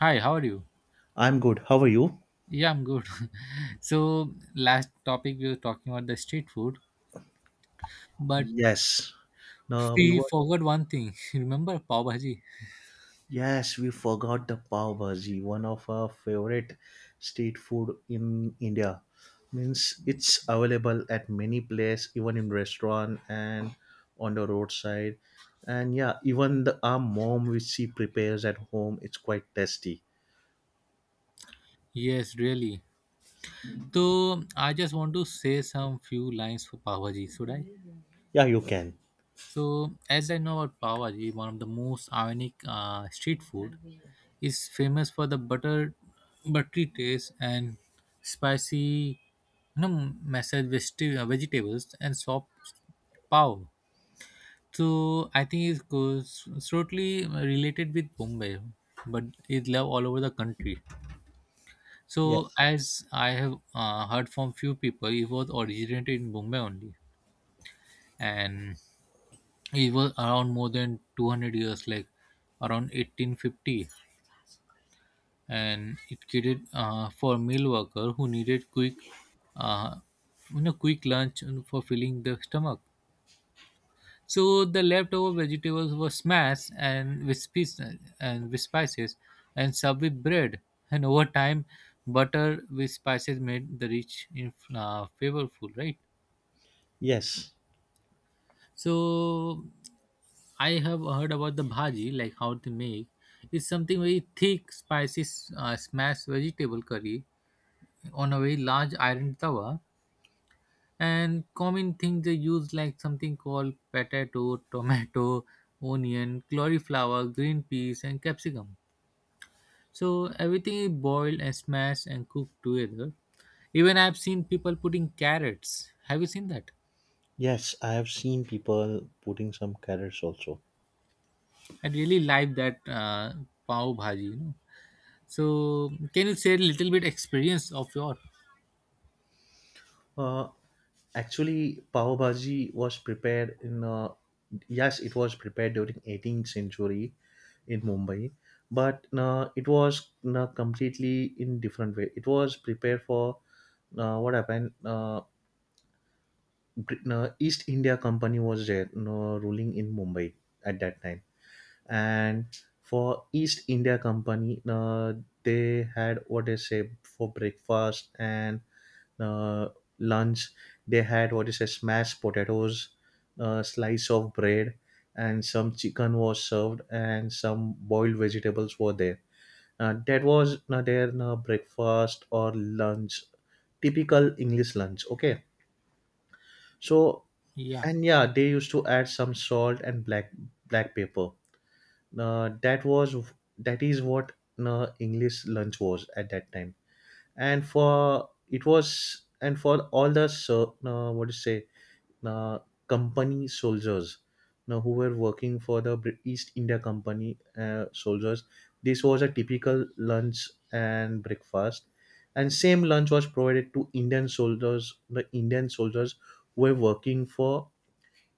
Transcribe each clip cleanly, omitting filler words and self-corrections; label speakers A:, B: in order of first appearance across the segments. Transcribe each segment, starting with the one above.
A: Hi, how are you?
B: I'm good. How are you?
A: Yeah, I'm good. Last topic we were talking about the street food, but
B: Yes. No, we
A: we
B: were.
A: forgot one thing. Remember pav bhaji?
B: Yes, we forgot the pav bhaji, one of our favorite street food in India. Means it's available at many places, even in restaurant and on the roadside. And yeah, even the our mom which she prepares at home, it's quite tasty.
A: Yes, really. So, I just want to say some few lines for pav bhaji, should I?
B: Yeah, you can.
A: So, as I know about pav bhaji, one of the most iconic street food is famous for the butter, buttery taste and spicy, you know, mashed vegetables and soft pav. So I think it goes totally related with Bombay, but it's loved all over the country. So
B: Yes,
A: as I have heard from few people, it was originated in Bombay only, and it was around more than 200 years, like around 1850, and it created for meal worker who needed quick, uh, quick lunch for filling the stomach. So the leftover vegetables were smashed and with spices and served with bread. And over time, butter with spices made the rich in flavorful, right?
B: yes,
A: So I have heard about the bhaji, like how to make. It's something very thick, spicy, smashed vegetable curry on a very large iron tawa, and common things they use like something called potato, tomato, onion, cauliflower, green peas and capsicum. So everything is boiled and smashed and cooked together. Even I've seen people putting carrots. Have you seen that?
B: yes. I have seen people putting some carrots also.
A: I really like that pav bhaji. So can you share a little bit experience of your
B: Uh, Actually, pav bhaji was prepared in. Yes, it was prepared during 18th century in Mumbai, but it was completely in different way. It was prepared for what happened. East India Company was there, ruling in Mumbai at that time, and for East India Company, they had what they say for breakfast and uh, lunch, they had what is a smashed potatoes, a slice of bread, and some chicken was served, and some boiled vegetables were there. That was their breakfast or lunch, typical English lunch, okay. So,
A: yeah
B: and yeah, they used to add some salt and black pepper. uh, that was that is what English lunch was at that time. And for it was and for all the what do you say, uh, company soldiers now who were working for the East India Company, soldiers, this was a typical lunch and breakfast. And same lunch was provided to Indian soldiers who were working for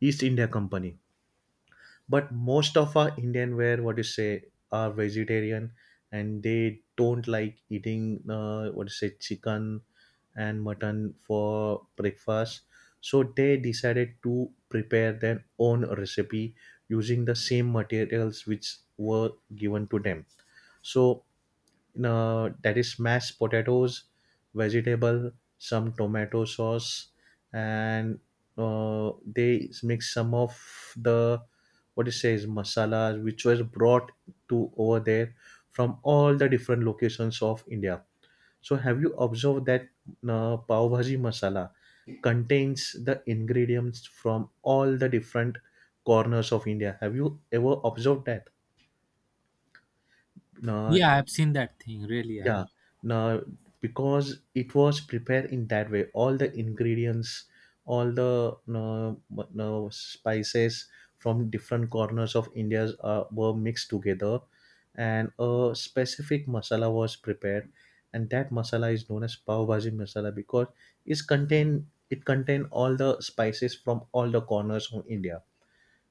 B: East India Company. But most of our Indian were, what you say, are vegetarian, and they don't like eating, what you say, chicken and mutton for breakfast. So they decided to prepare their own recipe using the same materials which were given to them. So that is mashed potatoes, vegetable, some tomato sauce, and they mix some of the what it says masalas, which was brought to over there from all the different locations of India. So, have you observed that pav bhaji masala contains the ingredients from all the different corners of India? Have you ever observed that? Uh,
A: yeah I've seen that thing really
B: Yeah,
A: I
B: now because it was prepared in that way, all the ingredients, all the no, no spices from different corners of India were mixed together, and a specific masala was prepared, and that masala is known as pav bhaji masala because it's contain it contain all the spices from all the corners of India.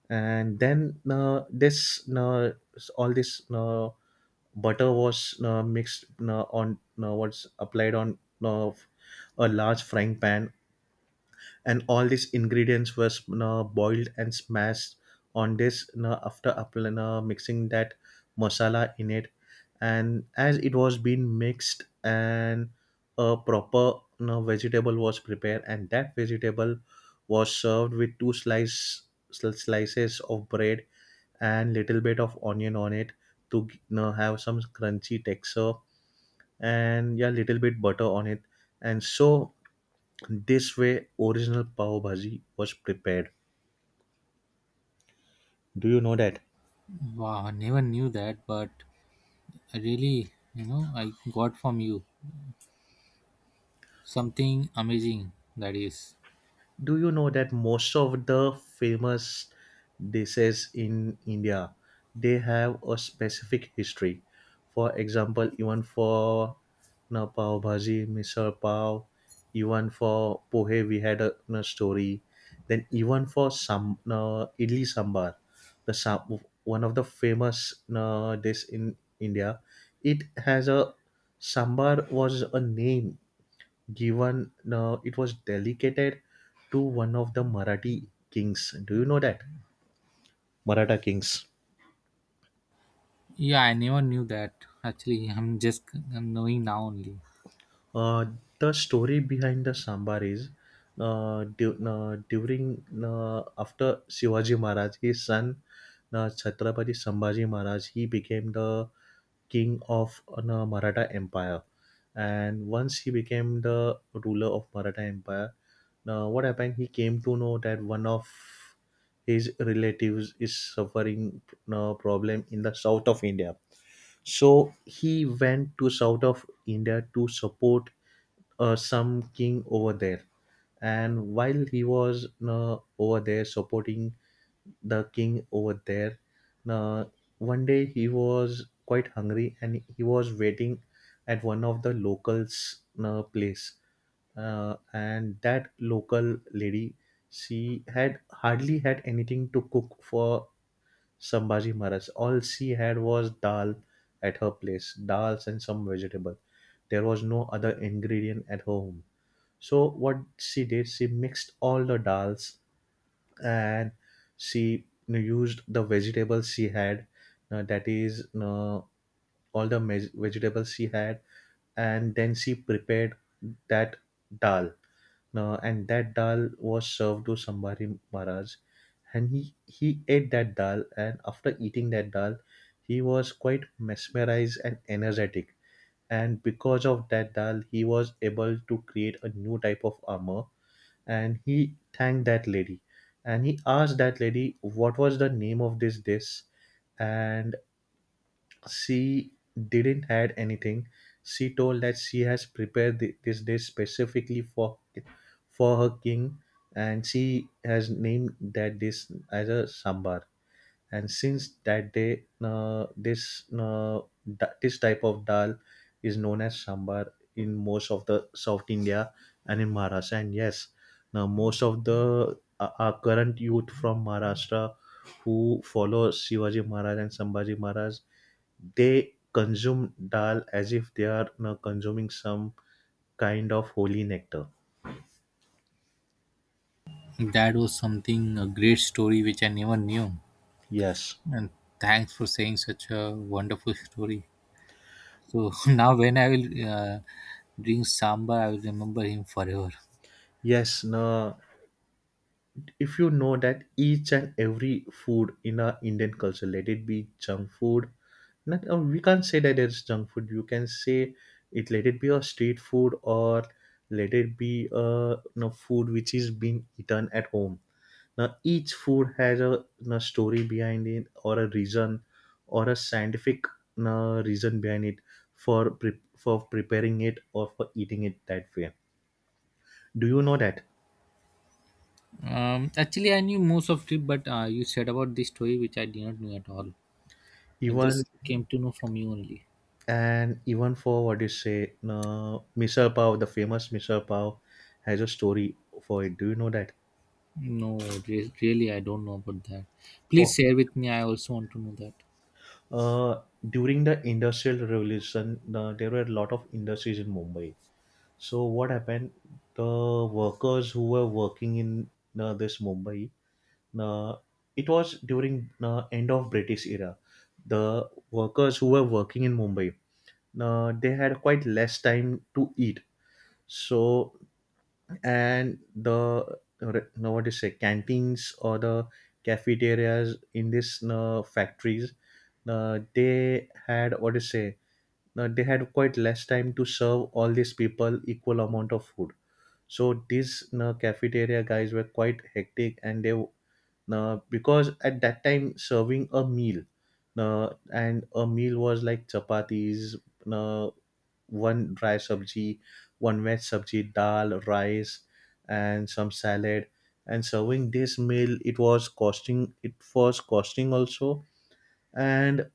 B: And then, this s- all this butter was mixed on, what's applied on uh, f- a large frying pan, and all these ingredients were, boiled and smashed on this, after mixing that masala in it. And as it was being mixed, and a proper, vegetable was prepared, and that vegetable was served with slices of bread, and little bit of onion on it to have some crunchy texture, and yeah, little bit butter on it. And so this way original pav bhaji was prepared. Do you know that?
A: Wow, I never knew that but I really, you know, I got from you something amazing, that is.
B: Do you know that most of the famous dishes in India they have a specific history? For example, even for na pav bhaji, misal pav, even for pohe we had a, na story. Then even for some na idli sambar, the sam- one of the famous na dish in India, it has a sambar was a name given, it was delegated to one of the Marathi kings. Do you know that Maratha kings?
A: Yeah, I never knew that. Actually, I'm knowing now only.
B: Uh, the story behind the sambar is during after Shivaji Maharaj, his son, Chhatrapati Sambhaji Maharaj, he became the king of the Maratha Empire. And once he became the ruler of Maratha Empire, what happened? He came to know that one of his relatives is suffering a problem in the south of India. So he went to south of India to support some king over there. And while he was over there supporting the king over there, uh, one day he was quite hungry and he was waiting at one of the locals' place. And that local lady, she had hardly had anything to cook for Sambhaji Maharaj. All she had was dal at her place, dals and some vegetable. There was no other ingredient at home. So what she did, she mixed all the dals, and she used the vegetables she had, that is, vegetables she had, and then she prepared that dal, and that dal was served to Sambhari Maharaj, and he ate that dal. And after eating that dal, he was quite mesmerized and energetic. And because of that dal, he was able to create a new type of armor. And he thanked that lady, and he asked that lady what was the name of this dish, and she didn't add anything. She told that she has prepared this dish specifically for her king, and she has named that dish as a sambar. And since that day, this type of dal is known as sambar in most of the south India and in Maharashtra. And yes, now most of the our current youth from Maharashtra who follow Shivaji Maharaj and Sambhaji Maharaj, they consume dal as if they are consuming some kind of holy nectar.
A: That was something a great story which I never knew.
B: Yes.
A: And thanks for saying such a wonderful story. So now when I will drink sambar, I will remember him forever.
B: Yes. No, if you know that each and every food in our Indian culture, let it be junk food, not, we can't say that it's junk food. You can say it, let it be a street food, or let it be a, food which is being eaten at home. Now each food has a, story behind it, or a reason, or a scientific, reason behind it for for preparing it or for eating it that way. Do you know that?
A: Actually, I knew most of it, but you said about this story which I did not know at all. I
B: even
A: just came to know from you only.
B: Even for what you say, misal pav, the famous misal pav, has a story for it. Do you know that?
A: No, really, I don't know about that. Please
B: Oh,
A: share with me. I also want to know that.
B: uh, during the industrial revolution, there were a lot of industries in Mumbai. So what happened? The workers who were working in this Mumbai, uh, it was during end of British era, the workers who were working in Mumbai, they had quite less time to eat. So, and no, what do you say, canteens or the cafeterias in these factories, they had, what do you say, they had quite less time to serve all these people equal amount of food. So these cafeteria guys were quite hectic, and they, because at that time serving a meal, and a meal was like chapatis, uh, one dry sabji, one wet sabji, dal, rice, and some salad. And serving this meal, it was costing. It was costing also, and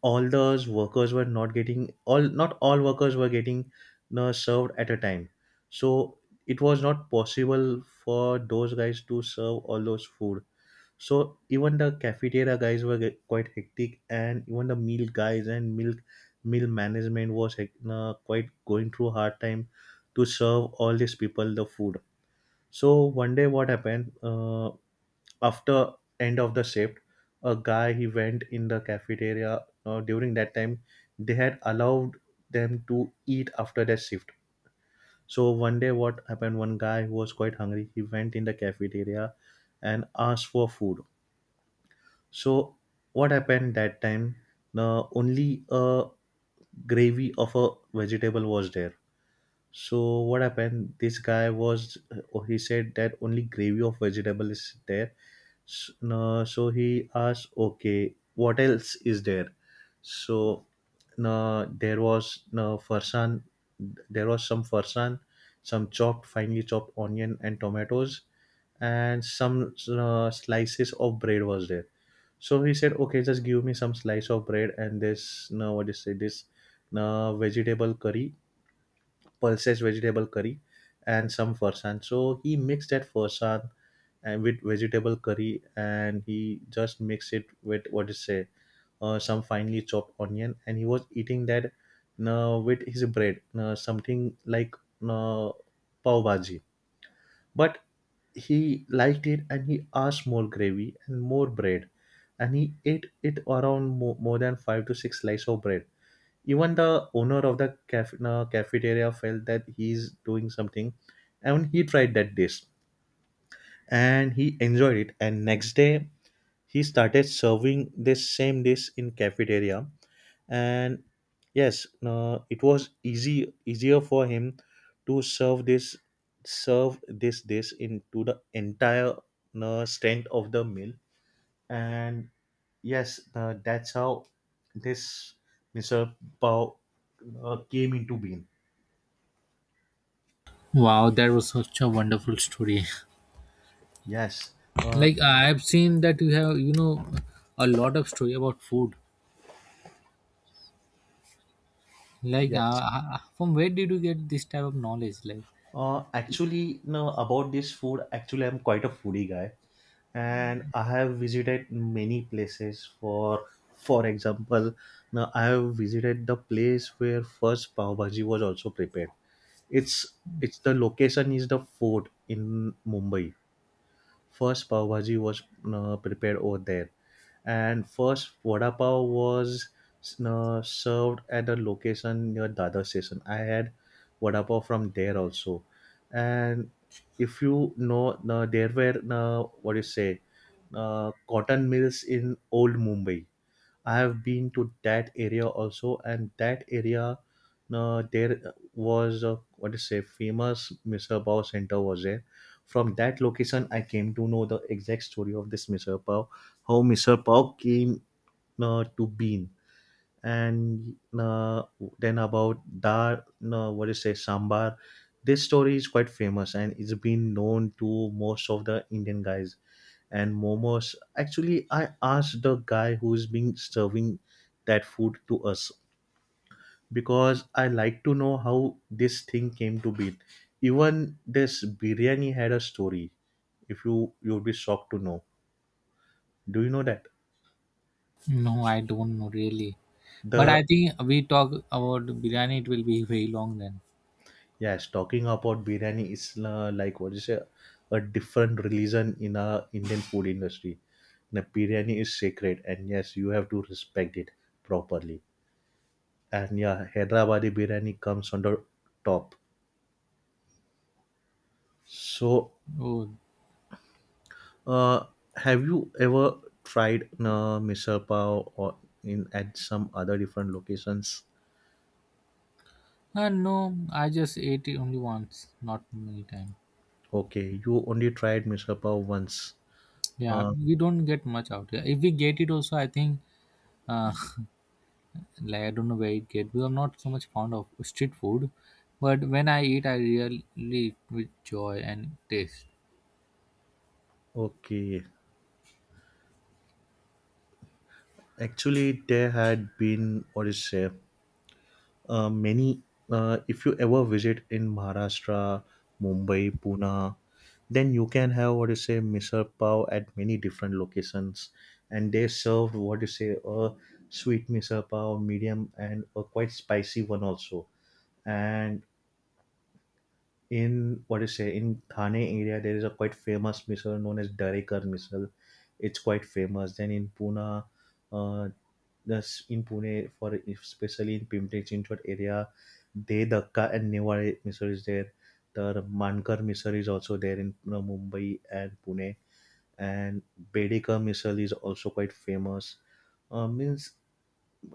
B: all those workers were not getting all. Not all workers were getting served at a time, so it was not possible for those guys to serve all those food. So even the cafeteria guys were get quite hectic, and even the meal guys and milk meal management was quite going through hard time to serve all these people the food. So one day, what happened? After end of the shift, a guy he went in the cafeteria. During that time, they had allowed them to eat after their shift. So one day, what happened? One guy who was quite hungry, he went in the cafeteria and asked for food. So what happened that time? The only a gravy of a vegetable was there. So what happened? This guy was, oh, he said that only gravy of vegetable is there. S- no, so he asked, okay, what else is there? So no, there was no farsan. There was some farsan, some chopped, finely chopped onion and tomatoes, and some slices of bread was there. So he said, okay, just give me some slice of bread, and this, no, what do you say, this, no, vegetable curry, pulses vegetable curry, and some farsan. So he mixed that farsan, and with vegetable curry, and he just mixed it with what is say, some finely chopped onion, and he was eating that, with his bread, something like, uh, pav bhaji. But he liked it and he asked more gravy and more bread. And he ate it around more than 5 to 6 slices of bread. Even the owner of the cafeteria felt that he's doing something, and he tried that dish, and he enjoyed it. And next day he started serving this same dish in cafeteria. And yes it was easy easier for him to serve this dish into the entire strength of the meal. And yes that's how this Mr. Pao came into being.
A: Wow, that was such a wonderful story.
B: yes uh,
A: Like I've seen that you have, you know, a lot of story about food. Like,
B: yes
A: uh, from where did you get this type of knowledge?
B: Actually, no, about this food, actually, I'm quite a foodie guy, and I have visited many places. For example, now I have visited the place where first pav bhaji was also prepared. It's it's, the location is the fort in Mumbai. First pav bhaji was prepared over there, and first vada pav was served at a location near Dada station. I had vada pav from there also. And if you know, there were what do you say, cotton mills in old Mumbai. I have been to that area also, and that area, there was a, what is say, famous Misal Pav center was there. From that location, I came to know the exact story of this Misal Pav, how Misal Pav came to be. And Then about dar no, what do you say, sambar, this story is quite famous, and it's been known to most of the Indian guys. And momos, actually, I asked the guy who's been serving that food to us, because I like to know how this thing came to be. Even this biryani had a story. If you would be shocked to know. Do you know that?
A: No, I don't know really. But
B: The—
A: I think we talk about biryani. It will be very long then.
B: Yes, talking about biryani is like what you say, a different religion in a Indian food industry. The biryani is sacred, and yes, you have to respect it properly. And yeah, Hyderabadi biryani comes on the top. So,
A: Oh,
B: uh, have you ever tried misal pav or in at some other different locations?
A: no, I just ate it only once, not many times.
B: Okay, you only tried misal pav once.
A: Yeah, we don't get much out here. If we get it also, I think, uh, like I don't know where it get because I'm not so much fond of street food, but when I eat, I really eat with joy and taste.
B: Okay, actually, there had been, what is say, many if you ever visit in Maharashtra, Mumbai, Pune, then you can have what you say misal pav at many different locations, and they served what you say a sweet misal pav, medium, and a quite spicy one also. And in what you say in Thane area there is a quite famous missile known as Darekar missile. It's quite famous. Then in Pune, uh, thus in Pune for, especially in Pimpri Chinchwad area, De Dakka and Niwari missile is there. The Mankar missile is also there in Mumbai and Pune, and Bedeka missile is also quite famous. Means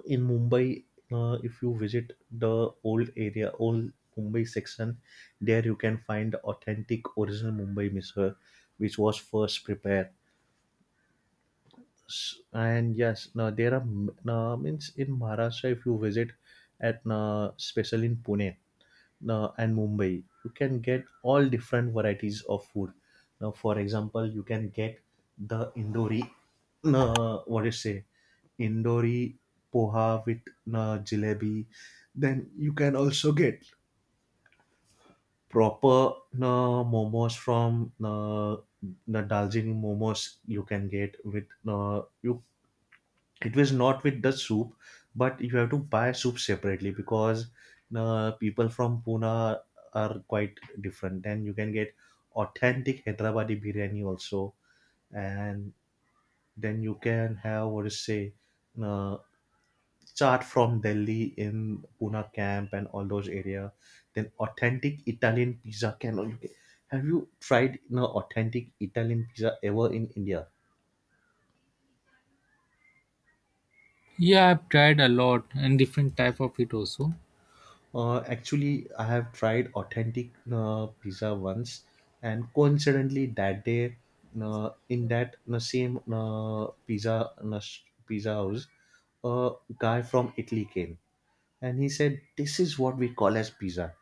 B: in Mumbai, if you visit the old area, old Mumbai section, there you can find the authentic original Mumbai misal, which was first prepared. And yes, now there are now, means in Maharashtra, if you visit at now, especially in Pune, and Mumbai, you can get all different varieties of food. Now, for example, you can get the Indori, what do you say, Indori poha with jalebi. Then you can also get proper momos from the Daljini momos. You can get with you it was not with the soup, but you have to buy soup separately, because people from Pune are quite different. And you can get authentic Hyderabadi biryani also. And then you can have, what is say, uh, chaat from Delhi in Pune camp and all those area. Then authentic Italian pizza can you can, have you tried, you know, authentic Italian pizza ever in India?
A: Yeah, I've tried a lot and different type of it also.
B: Actually, I have tried authentic pizza once, and coincidentally, that day, in that same pizza pizza house, a guy from Italy came, and he said, "This is what we call as pizza."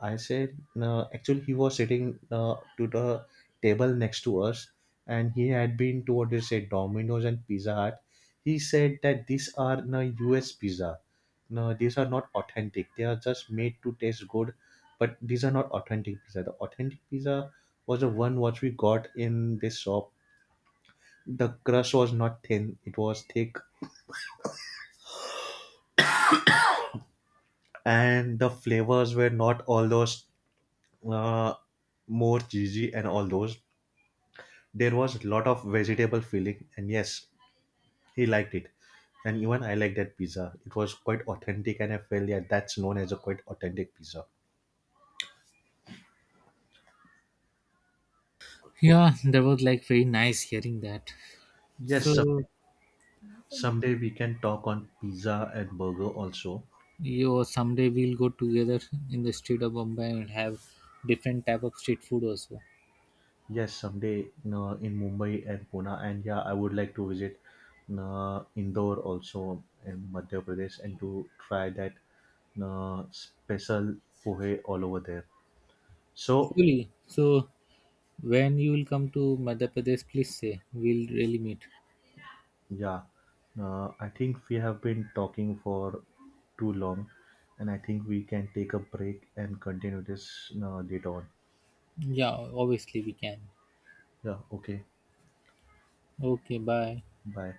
B: I said, "No." Actually, he was sitting to the table next to us, and he had been to what they say Domino's and Pizza Hut. He said that these are the U.S. pizza, no, these are not authentic. They are just made to taste good, but these are not authentic pizza. The authentic pizza was the one what we got in this shop. The crust was not thin; it was thick, and the flavors were not all those uh, more cheesy and all those. There was a lot of vegetable filling, and yes, he liked it. And even I liked that pizza. It was quite authentic, and I felt yeah, that's known as a quite authentic pizza.
A: Yeah, that was like very nice hearing that.
B: Yes,
A: So
B: someday we can talk on pizza and burger also.
A: you someday we'll go together in the street of Bombay and have different type of street food also.
B: Yes, someday in Mumbai and Pune, and yeah, I would like to visit Indore also in Madhya Pradesh, and to try that special pohe all over there. So
A: Surely. So when you will come to Madhya Pradesh, please say we'll really meet.
B: yeah, I think we have been talking for too long, and I think we can take a break and continue this later on.
A: Yeah, obviously we can.
B: Yeah. Okay.
A: Okay, bye.
B: Bye.